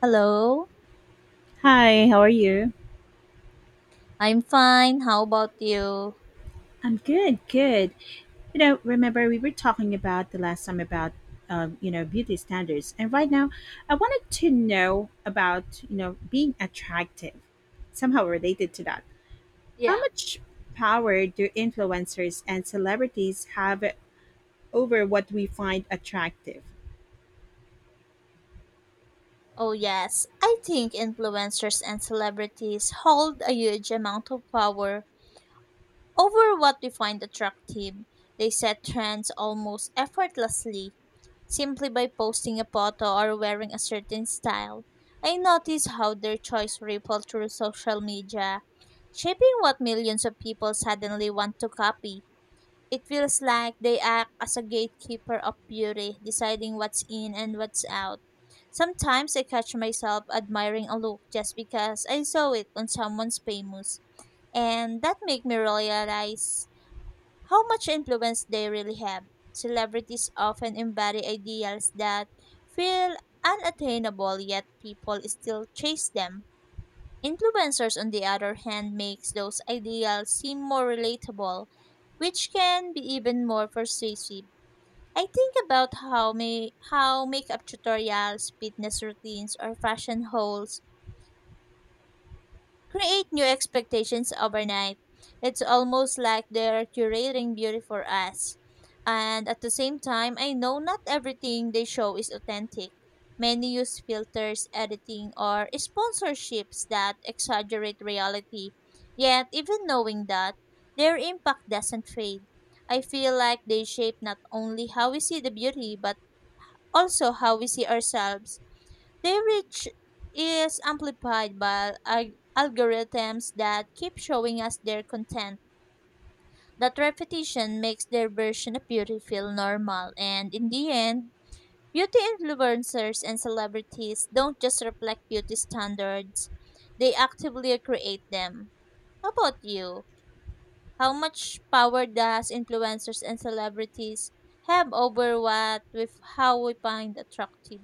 Hello, Hi, how are you? I'm fine. How about you? I'm good. Remember we were talking about the last time about beauty standards. And right now, I wanted to know about, being attractive. Somehow related to that. How Yeah. much power do influencers and celebrities have over what we find attractive? Oh, yes. I think influencers and celebrities hold a huge amount of power over what we find attractive. They set trends almost effortlessly, simply by posting a photo or wearing a certain style. I notice how their choice ripple through social media, shaping what millions of people suddenly want to copy. It feels like they act as a gatekeeper of beauty, deciding what's in and what's out. Sometimes I catch myself admiring a look just because I saw it on someone's famous, and that make me realize how much influence they really have. Celebrities often embody ideals that feel unattainable, yet people still chase them. Influencers, on the other hand, makes those ideals seem more relatable, which can be even more persuasive. I think about how makeup tutorials, fitness routines, or fashion hauls create new expectations overnight. It's almost like they're curating beauty for us. And at the same time, I know not everything they show is authentic. Many use filters, editing, or sponsorships that exaggerate reality. Yet, even knowing that, their impact doesn't fade. I feel like they shape not only how we see the beauty, but also how we see ourselves. Their reach is amplified by algorithms that keep showing us their content. That repetition makes their version of beauty feel normal, and in the end, beauty influencers and celebrities don't just reflect beauty standards, they actively create them. How about you? How much power does influencers and celebrities have over what with how we find attractive?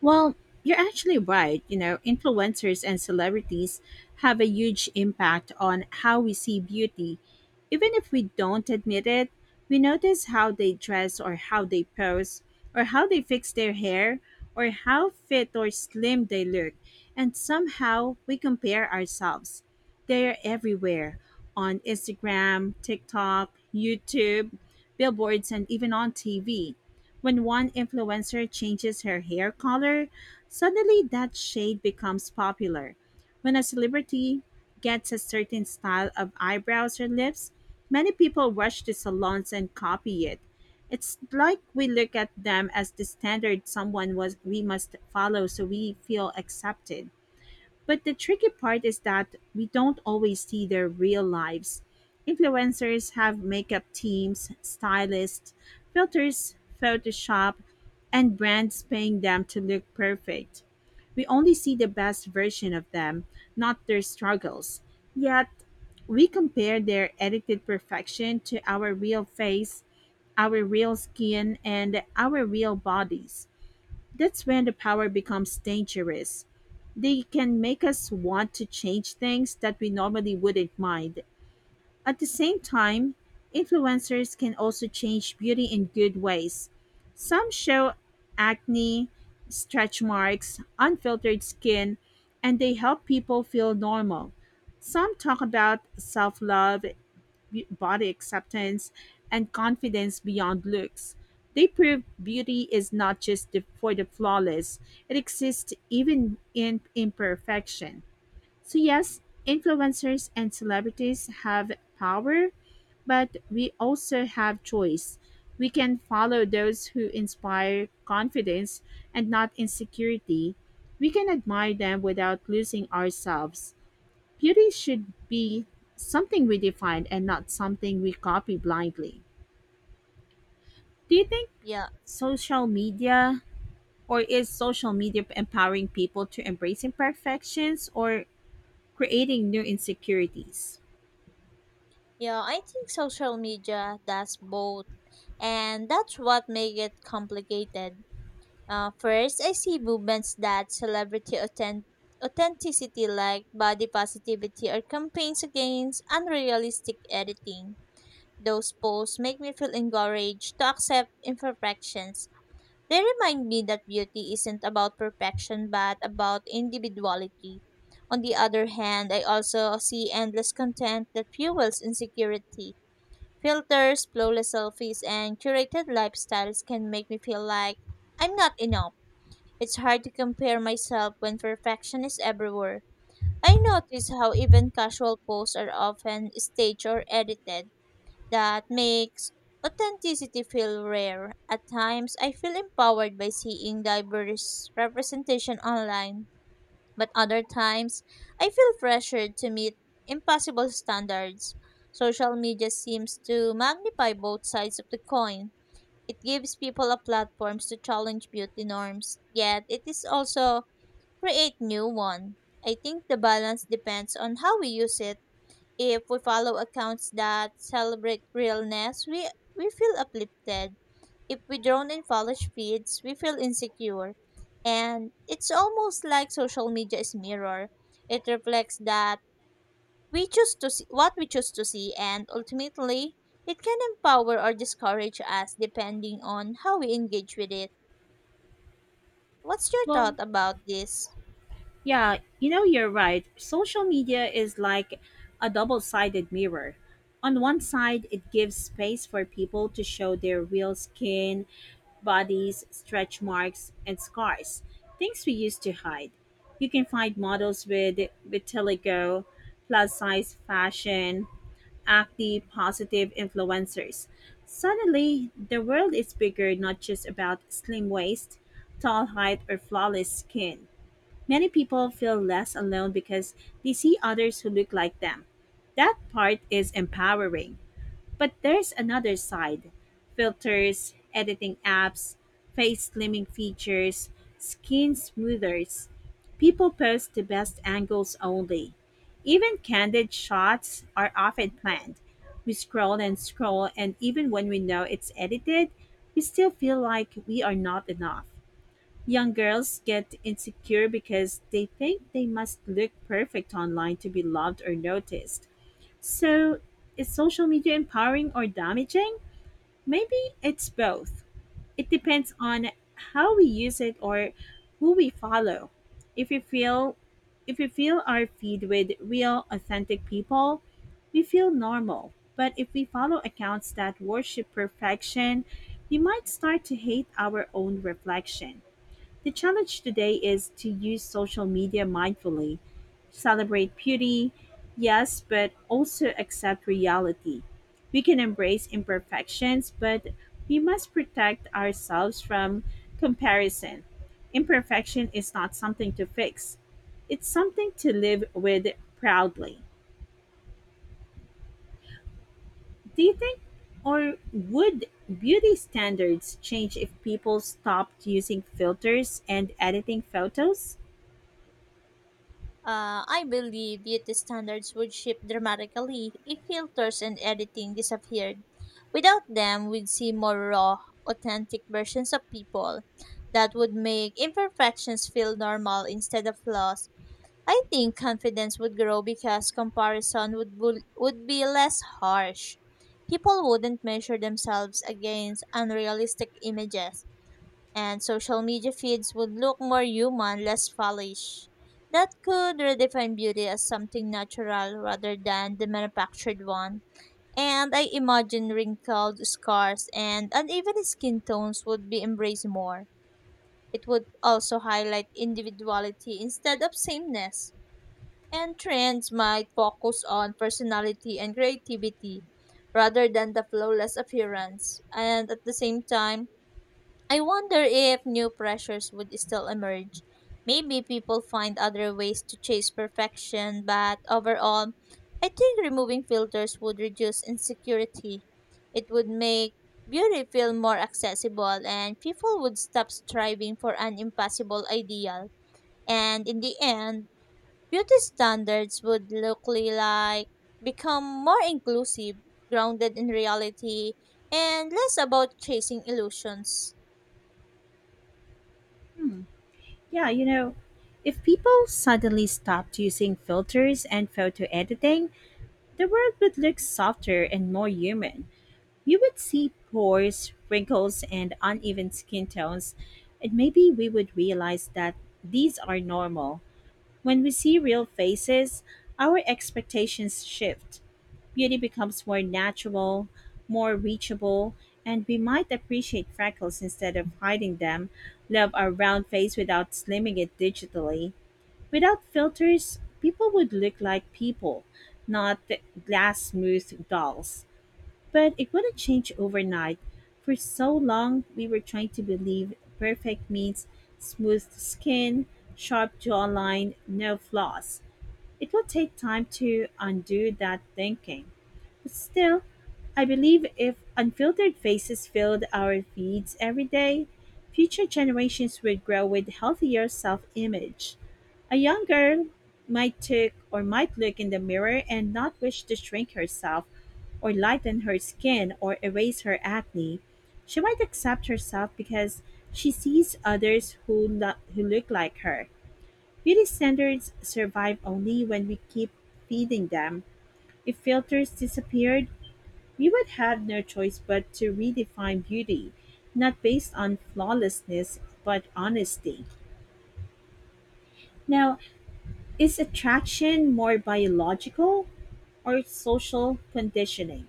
Well, you're actually right. Influencers and celebrities have a huge impact on how we see beauty. Even if we don't admit it, we notice how they dress or how they pose or how they fix their hair or how fit or slim they look. And somehow we compare ourselves. They're everywhere on Instagram, TikTok, YouTube, billboards, and even on TV. When one influencer changes her hair color, suddenly that shade becomes popular. When a celebrity gets a certain style of eyebrows or lips, many people rush to salons and copy it. It's like we look at them as the standard someone was we must follow so we feel accepted. But the tricky part is that we don't always see their real lives. Influencers have makeup teams, stylists, filters, Photoshop, and brands paying them to look perfect. We only see the best version of them, not their struggles. Yet, we compare their edited perfection to our real face, our real skin, and our real bodies. That's when the power becomes dangerous. They can make us want to change things that we normally wouldn't mind. At the same time, influencers can also change beauty in good ways. Some show acne, stretch marks, unfiltered skin, and they help people feel normal. Some talk about self love body acceptance, and confidence beyond looks. They prove beauty is not just the, for the flawless, it exists even in imperfection. So, yes, influencers and celebrities have power, but we also have choice. We can follow those who inspire confidence and not insecurity. We can admire them without losing ourselves. Beauty should be something we define and not something we copy blindly. Do you think, Yeah. social media or is social media empowering people to embrace imperfections or creating new insecurities? Yeah, I think social media does both, and that's what make it complicated. First, I see movements that authenticity, like body positivity, or campaigns against unrealistic editing. Those posts make me feel encouraged to accept imperfections. They remind me that beauty isn't about perfection but about individuality. On the other hand, I also see endless content that fuels insecurity. Filters, flawless selfies, and curated lifestyles can make me feel like I'm not enough. It's hard to compare myself when perfection is everywhere. I notice how even casual posts are often staged or edited. That makes authenticity feel rare. At times, I feel empowered by seeing diverse representation online. But other times, I feel pressured to meet impossible standards. Social media seems to magnify both sides of the coin. It gives people a platform to challenge beauty norms, yet it is also create new one. I think the balance depends on how we use it. If we follow accounts that celebrate realness, we feel uplifted. If we drown in college feeds, we feel insecure. And it's almost like social media is mirror. It reflects that we choose to see what we choose to see, and ultimately it can empower or discourage us depending on how we engage with it. What's your Well, thought about this? Yeah, you're right. Social media is like a double sided mirror. On one side, it gives space for people to show their real skin, bodies, stretch marks, and scars, things we used to hide. You can find models with vitiligo, plus size fashion, acne positive influencers. Suddenly, the world is bigger, not just about slim waist, tall height, or flawless skin. Many people feel less alone because they see others who look like them. That part is empowering. But there's another side filters, editing apps, face slimming features, skin smoothers. People post the best angles only. Even candid shots are often planned. We scroll and scroll, and even when we know it's edited, we still feel like we are not enough. Young girls get insecure because they think they must look perfect online to be loved or noticed. So, is social media empowering or damaging? Maybe it's both. It depends on how we use it or who we follow. If we feel if we fill our feed with real authentic people, we feel normal. But if we follow accounts that worship perfection, we might start to hate our own reflection. The challenge today is to use social media mindfully, celebrate beauty, yes, but also accept reality. We can embrace imperfections, but we must protect ourselves from comparison. Imperfection is not something to fix, it's something to live with proudly. Do you think, or would beauty standards change if people stopped using filters and editing photos? I believe beauty standards would shift dramatically if filters and editing disappeared. Without them, we'd see more raw, authentic versions of people that would make imperfections feel normal instead of flaws. I think confidence would grow because comparison would be less harsh. People wouldn't measure themselves against unrealistic images, and social media feeds would look more human, less fallish. That could redefine beauty as something natural rather than the manufactured one. And I imagine wrinkled scars and uneven skin tones would be embraced more. It would also highlight individuality instead of sameness. And trends might focus on personality and creativity rather than the flawless appearance. And at the same time, I wonder if new pressures would still emerge. Maybe people find other ways to chase perfection, but overall, I think removing filters would reduce insecurity. It would make beauty feel more accessible, and people would stop striving for an impossible ideal. And in the end, beauty standards would look li- like become more inclusive, grounded in reality, and less about chasing illusions. Yeah, you know, if people suddenly stopped using filters and photo editing, the world would look softer and more human. You would see pores, wrinkles, and uneven skin tones, and maybe we would realize that these are normal. When we see real faces, our expectations shift. Beauty becomes more natural, more reachable, and we might appreciate freckles instead of hiding them, love our round face without slimming it digitally. Without filters, people would look like people, not glass smooth dolls. But it wouldn't change overnight. For so long, we were trying to believe perfect means smooth skin, sharp jawline, no flaws. It will take time to undo that thinking. Still, I believe if unfiltered faces filled our feeds every day, future generations would grow with healthier self-image. A young girl might took or might look in the mirror and not wish to shrink herself or lighten her skin or erase her acne. She might accept herself because she sees others who look like her. Beauty standards survive only when we keep feeding them. If filters disappeared, we would have no choice but to redefine beauty, not based on flawlessness, but honesty. Now, is attraction more biological or social conditioning?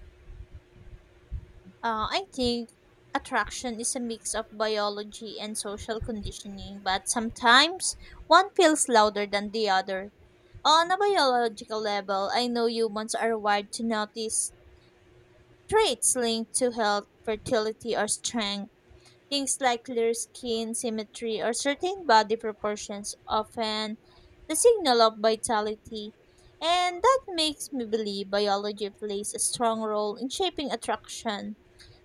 I think attraction is a mix of biology and social conditioning, but sometimes one feels louder than the other. On a biological level, I know humans are wired to notice traits linked to health, fertility, or strength. Things like clear skin, symmetry, or certain body proportions often the signal of vitality. And that makes me believe biology plays a strong role in shaping attraction,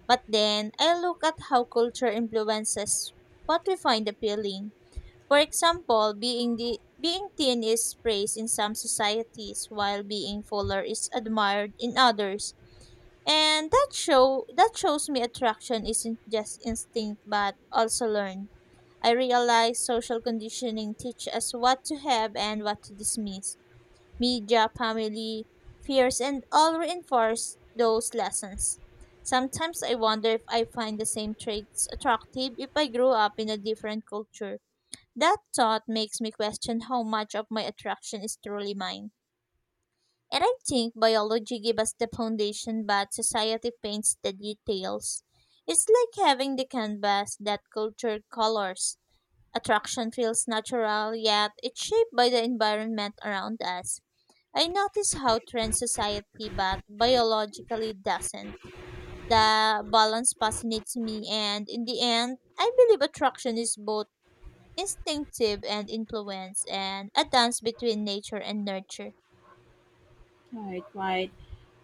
but then I look at how culture influences what we find appealing. For example, being thin is praised in some societies while being fuller is admired in others. And that shows me attraction isn't just instinct but also learned. I realize social conditioning teach us what to have and what to dismiss. Media, family, fears, and all reinforce those lessons. Sometimes I wonder if I find the same traits attractive if I grew up in a different culture. That thought makes me question how much of my attraction is truly mine. And I think biology gives us the foundation, but society paints the details. It's like having the canvas that culture colors. Attraction feels natural, yet it's shaped by the environment around us. I notice how trends society but biologically doesn't. The balance fascinates me, and in the end I believe attraction is both instinctive and influence, and a dance between nature and nurture. Right.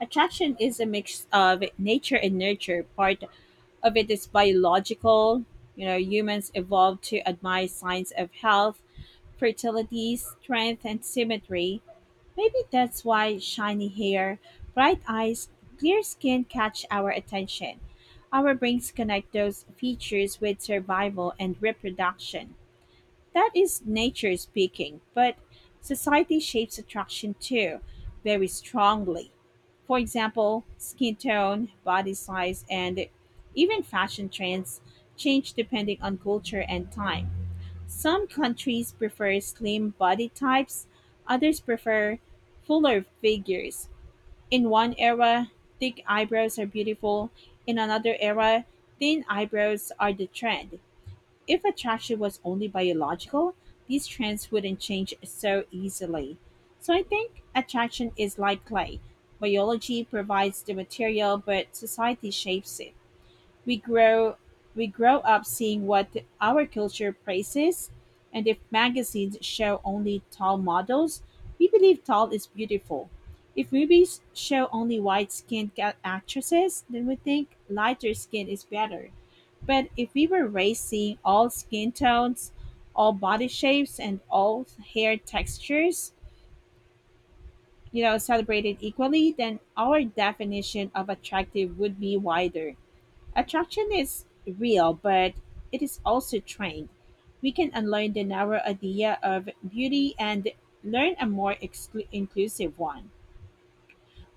Attraction is a mix of nature and nurture. Part of it is biological. You know, humans evolved to admire signs of health, fertility, strength, and symmetry. Maybe that's why shiny hair, bright eyes, clear skin catch our attention. Our brains connect those features with survival and reproduction. That is nature speaking, but society shapes attraction too, very strongly. For example, skin tone, body size, and even fashion trends change depending on culture and time. Some countries prefer slim body types, others prefer fuller figures. In one era, thick eyebrows are beautiful, in another era, thin eyebrows are the trend. If attraction was only biological, these trends wouldn't change so easily. So I think attraction is like clay. Biology provides the material, but society shapes it. We grow we grow up seeing what our culture praises, and if magazines show only tall models, we believe tall is beautiful. If movies show only white-skinned actresses, then we think lighter skin is better. But if we were raised seeing all skin tones, all body shapes, and all hair textures, you know, celebrated equally, then our definition of attractive would be wider. Attraction is real, but it is also trained. We can unlearn the narrow idea of beauty and learn a more inclusive one.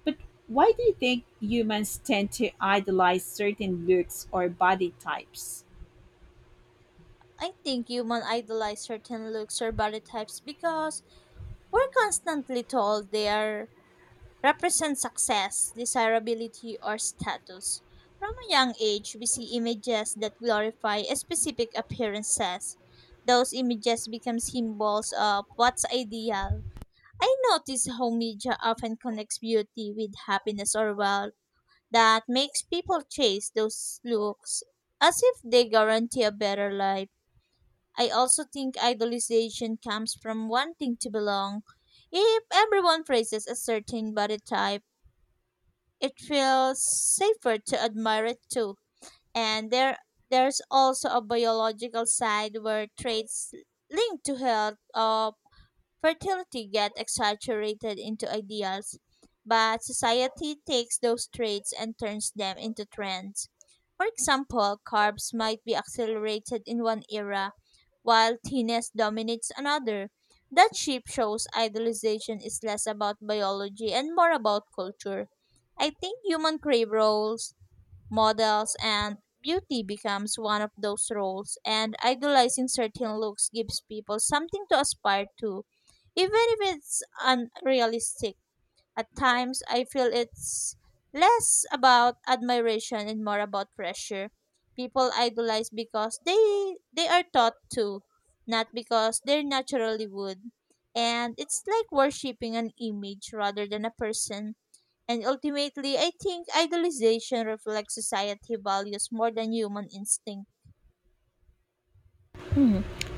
But why do you think humans tend to idolize certain looks or body types? I think humans idolize certain looks or body types because we're constantly told they are represent success, desirability, or status. From a young age, we see images that glorify a specific appearances. Those images become symbols of what's ideal. I notice how media often connects beauty with happiness or wealth, that makes people chase those looks as if they guarantee a better life. I also think idolization comes from wanting to belong. If everyone praises a certain body type, it feels safer to admire it too. And there's also a biological side where traits linked to health or fertility get exaggerated into ideals, but society takes those traits and turns them into trends. For example, carbs might be accelerated in one era, while thinness dominates another. That shift shows idolization is less about biology and more about culture. I think human crave roles models, and beauty becomes one of those roles, and idolizing certain looks gives people something to aspire to, even if it's unrealistic. At times I feel it's less about admiration and more about pressure. People idolize because they are taught to, not because they naturally would. And it's like worshipping an image rather than a person. And ultimately, I think idolization reflects society values more than human instinct.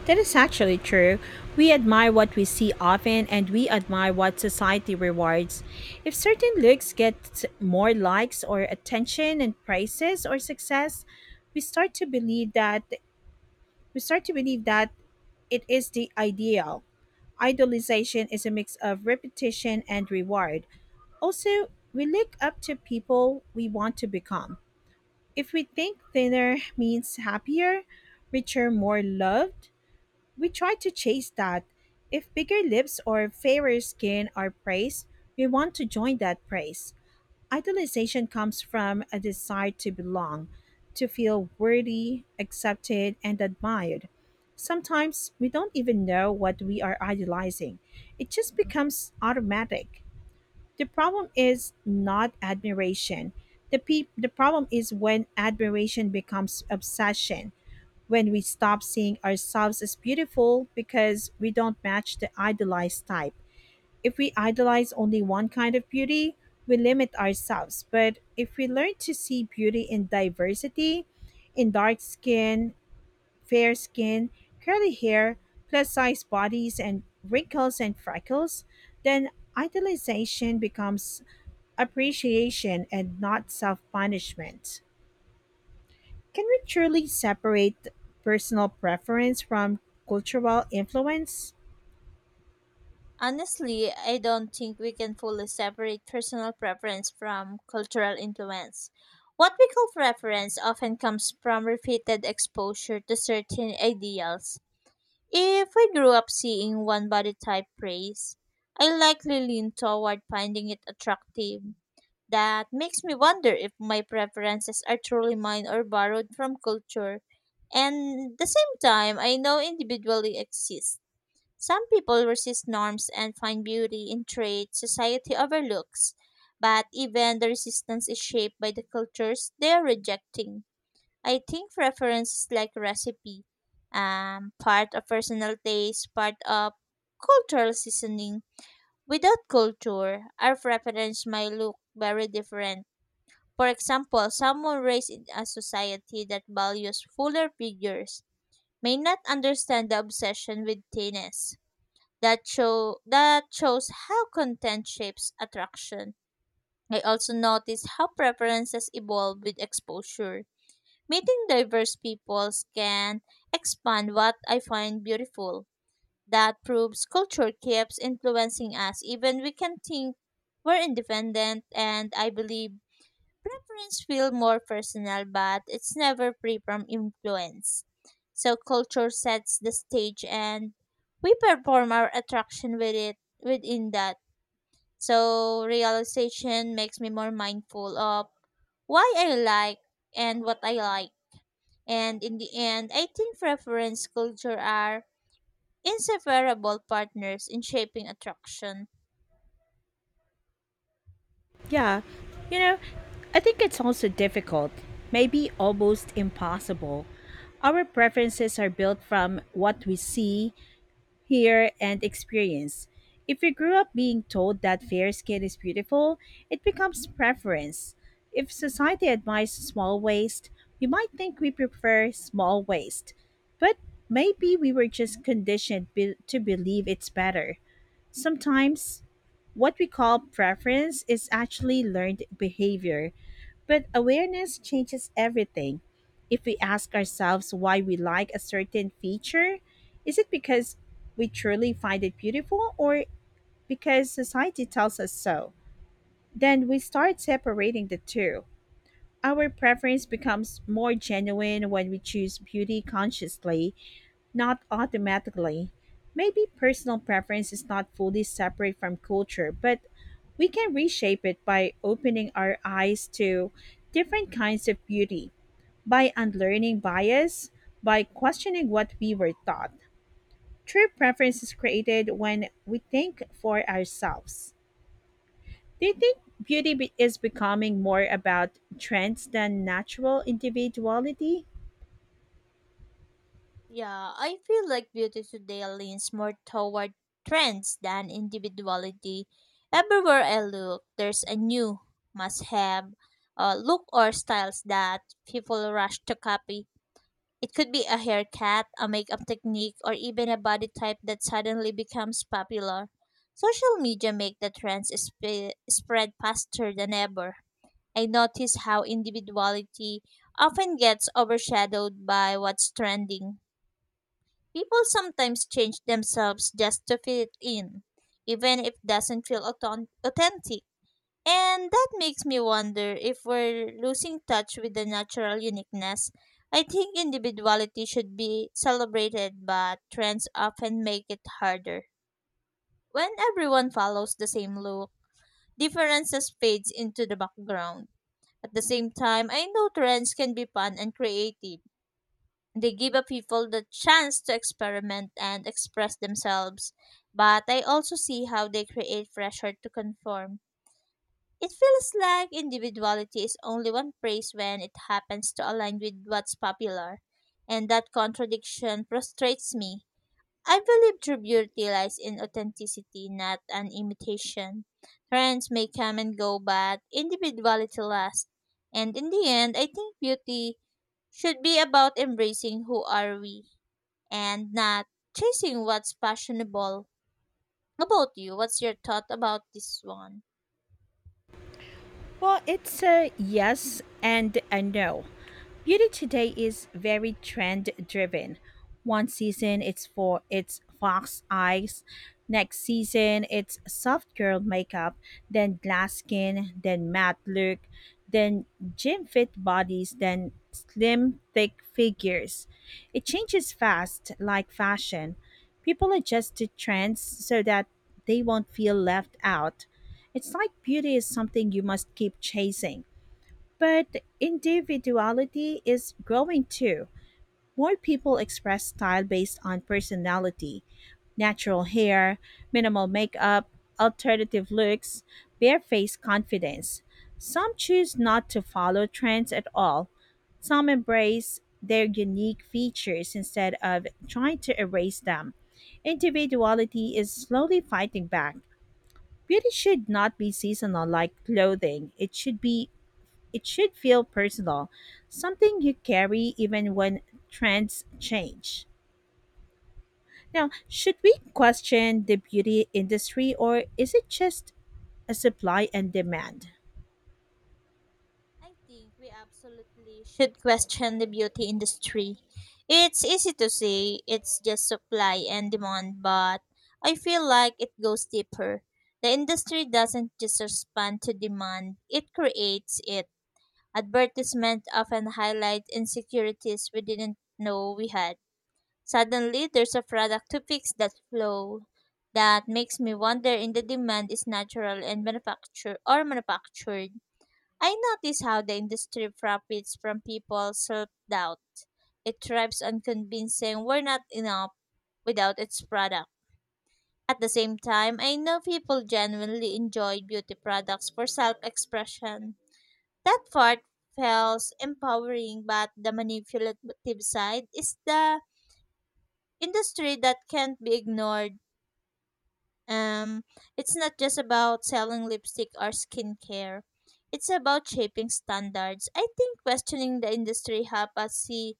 That is actually true. We admire what we see often and we admire what society rewards. If certain looks get more likes or attention and praises or success, we start to believe that We start to believe that it is the ideal. Idolization is a mix of repetition and reward. Also, we look up to people we want to become. If we think thinner means happier, richer, more loved, we try to chase that. If bigger lips or fairer skin are praised, we want to join that praise. Idolization comes from a desire to belong, to feel worthy, accepted, and admired. Sometimes we don't even know what we are idolizing, it just becomes automatic. The problem is not admiration. The problem is when admiration becomes obsession, when we stop seeing ourselves as beautiful because we don't match the idolized type. If we idolize only one kind of beauty, we limit ourselves. But if we learn to see beauty in diversity, in dark skin, fair skin, curly hair, plus size bodies, and wrinkles and freckles, then idolization becomes appreciation and not self punishment. Can we truly separate personal preference from cultural influence? Honestly, I don't think we can fully separate personal preference from cultural influence. What we call preference often comes from repeated exposure to certain ideals. If I grew up seeing one body type praised, I likely lean toward finding it attractive. That makes me wonder if my preferences are truly mine or borrowed from culture. And the same time, I know individually exist. Some people resist norms and find beauty in traits society overlooks, but even the resistance is shaped by the cultures they are rejecting. I think preference is like recipe, part of personal taste, part of cultural seasoning. Without culture, our preference might look very different. For example, someone raised in a society that values fuller figures may not understand the obsession with thinness. That shows how content shapes attraction. I also notice how preferences evolve with exposure. Meeting diverse peoples can expand what I find beautiful. That proves culture keeps influencing us even we can think we're independent, and I believe preference feel more personal but it's never free from influence. So culture sets the stage, and we perform our attraction within that. So realization makes me more mindful of why I like and what I like, and in the end, I think preference culture are inseparable partners in shaping attraction. Yeah. You know, I think it's also difficult, maybe almost impossible. Our preferences are built from what we see, hear, and experience. If you grew up being told that fair skin is beautiful, it becomes preference. If society admires small waist, we might think we prefer small waist. But maybe we were just conditioned to believe it's better. Sometimes what we call preference is actually learned behavior, but awareness changes everything. If we ask ourselves why we like a certain feature, is it because we truly find it beautiful or because society tells us so? Then we start separating the two. Our preference becomes more genuine when we choose beauty consciously not automatically. Maybe personal preference is not fully separate from culture, but we can reshape it by opening our eyes to different kinds of beauty, by unlearning bias, by questioning what we were taught. True preference is created when we think for ourselves. Do you think beauty is becoming more about trends than natural individuality? Yeah, I feel like beauty today leans more toward trends than individuality. Everywhere I look, there's a new must have look or styles that people rush to copy. It could be a haircut, a makeup technique, or even a body type that suddenly becomes popular. Social media make the spread faster than ever. I notice how individuality often gets overshadowed by what's trending. People sometimes change themselves just to fit in, even if it doesn't feel authentic. And that makes me wonder if we're losing touch with the natural uniqueness. I think individuality should be celebrated, but trends often make it harder. When everyone follows the same look, differences fades into the background. At the same time, I know trends can be fun and creative. They give a people the chance to experiment and express themselves, but I also see how they create pressure to conform. It feels like individuality is only one praise when it happens to align with what's popular, and that contradiction frustrates me. I believe true beauty lies in authenticity, not an imitation. Trends may come and go, but individuality lasts. And in the end, I think beauty should be about embracing who are we and not chasing what's fashionable. About you, what's your thought about this one? Well, it's a yes and a no. Beauty today is very trend driven. One season it's for its fox eyes, next season it's soft girl makeup, then glass skin, then matte look, then gym fit bodies, then slim thick figures. It changes fast like fashion. People adjust to trends so that they won't feel left out. It's like beauty is something you must keep chasing. But individuality is growing too. More people express style based on personality natural hair, minimal makeup, alternative looks, barefaced confidence. Some choose not to follow trends at all. Some embrace their unique features instead of trying to erase them. Individuality is slowly fighting back. Beauty should not be seasonal like clothing. It should feel personal, something you carry even when trends change. Now, should we question the beauty industry or is it just a supply and demand? I think we absolutely should question the beauty industry. It's easy to say it's just supply and demand, but I feel like it goes deeper. The industry doesn't just respond to demand, it creates it. Advertisement often highlight insecurities we didn't know we had. Suddenly, there's a product to fix that flaw. That makes me wonder if the demand is natural and manufactured or manufactured. I notice how the industry profits from people's self doubt. It thrives on convincing we're not enough without its product. At the same time, I know people genuinely enjoy beauty products for self expression. That part feels empowering, but the manipulative side is the industry that can't be ignored. Um, it's not just about selling lipstick or skincare. It's about shaping standards. I think questioning the industry help us see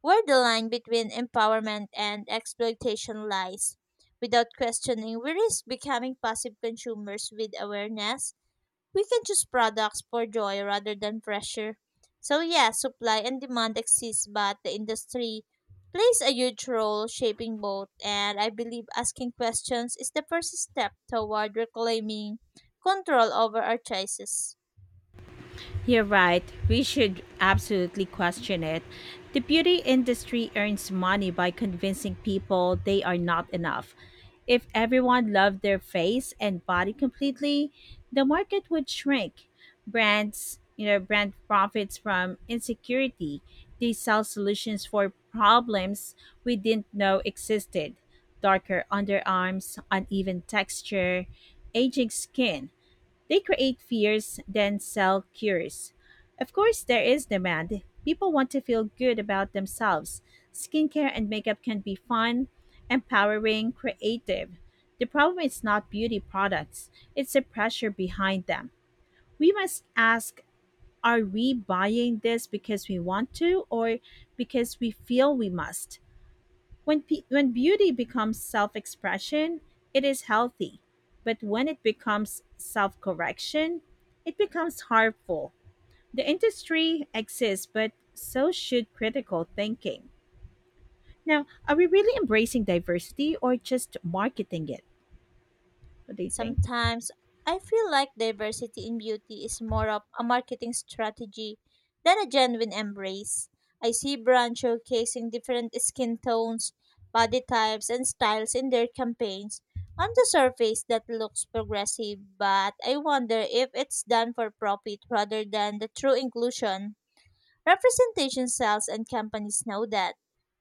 where the line between empowerment and exploitation lies. Without questioning, we risk becoming passive consumers. With awareness we can choose products for joy rather than pressure. So yeah, supply and demand exist, but the industry plays a huge role shaping both. And I believe asking questions is the first step toward reclaiming control over our choices. You're right. We should absolutely question it. The beauty industry earns money by convincing people they are not enough. If everyone loved their face and body completely, the market would shrink. Brand profits from insecurity. They sell solutions for problems we didn't know existed. Darker underarms, uneven texture, aging skin. They create fears, then sell cures. Of course, there is demand. People want to feel good about themselves. Skincare and makeup can be fun, empowering, creative. The problem is not beauty products, it's the pressure behind them. We must ask are we buying this because we want to or because we feel we must? When beauty becomes self expression, it is healthy. But when it becomes self correction, it becomes harmful. The industry exists, but so should critical thinking. Now, are we really embracing diversity or just marketing it? What do you think? Sometimes I feel like diversity in beauty is more of a marketing strategy than a genuine embrace. I see brands showcasing different skin tones, body types, and styles in their campaigns. On the surface, that looks progressive, but I wonder if it's done for profit rather than the true inclusion. Representation cells and companies know that.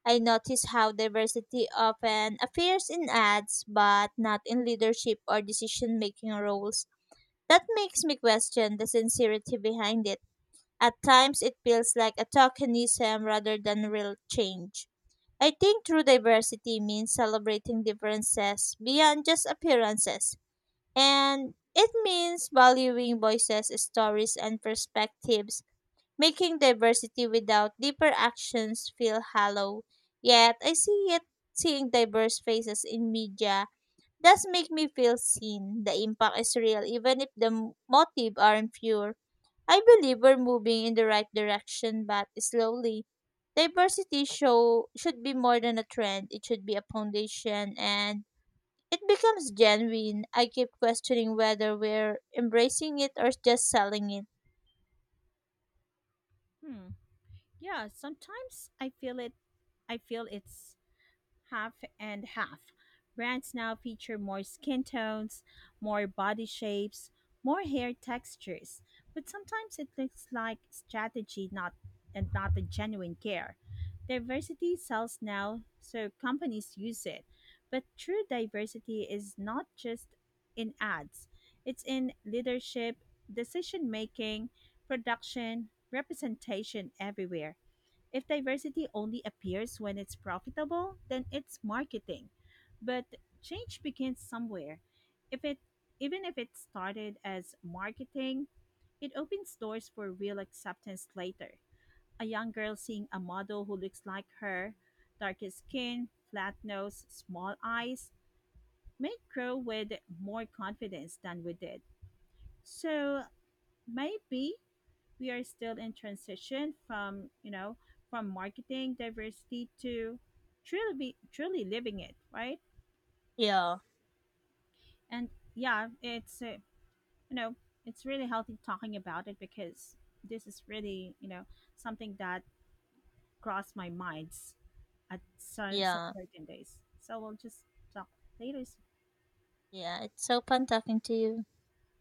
I notice how diversity often appears in ads, but not in leadership or decision making roles. That makes me question the sincerity behind it. At times, it feels like a tokenism rather than real change. I think true diversity means celebrating differences beyond just appearances, and it means valuing voices, stories, and perspectives, making diversity without deeper actions feel hollow. Yet I see it Seeing diverse faces in media does make me feel seen. The impact is real even if the motive aren't pure. I believe we're moving in the right direction but slowly. Diversity show should be more than a trend. It should be a foundation, and it becomes genuine. I keep questioning whether we're embracing it or just selling it. Hmm. Yeah, sometimes I feel it. I feel it's half and half. Brands now feature more skin tones, more body shapes, more hair textures, but sometimes it looks like strategy not and not a genuine care. Diversity sells now, so companies use it. But true diversity is not just in ads. It's in leadership, decision making, production, representation everywhere. If diversity only appears when it's profitable, then it's marketing. But change begins somewhere. If it even if it started as marketing, it opens doors for real acceptance later. A young girl seeing a model who looks like her, darker skin, flat nose, small eyes, may grow with more confidence than we did. So maybe we are still in transition from from marketing diversity to truly living it, right? Yeah. And yeah, it's you know it's really healthy talking about it because this is really, you know, something that crossed my minds at some Yeah. certain days, so we'll just talk later. Yeah, it's so fun talking to you.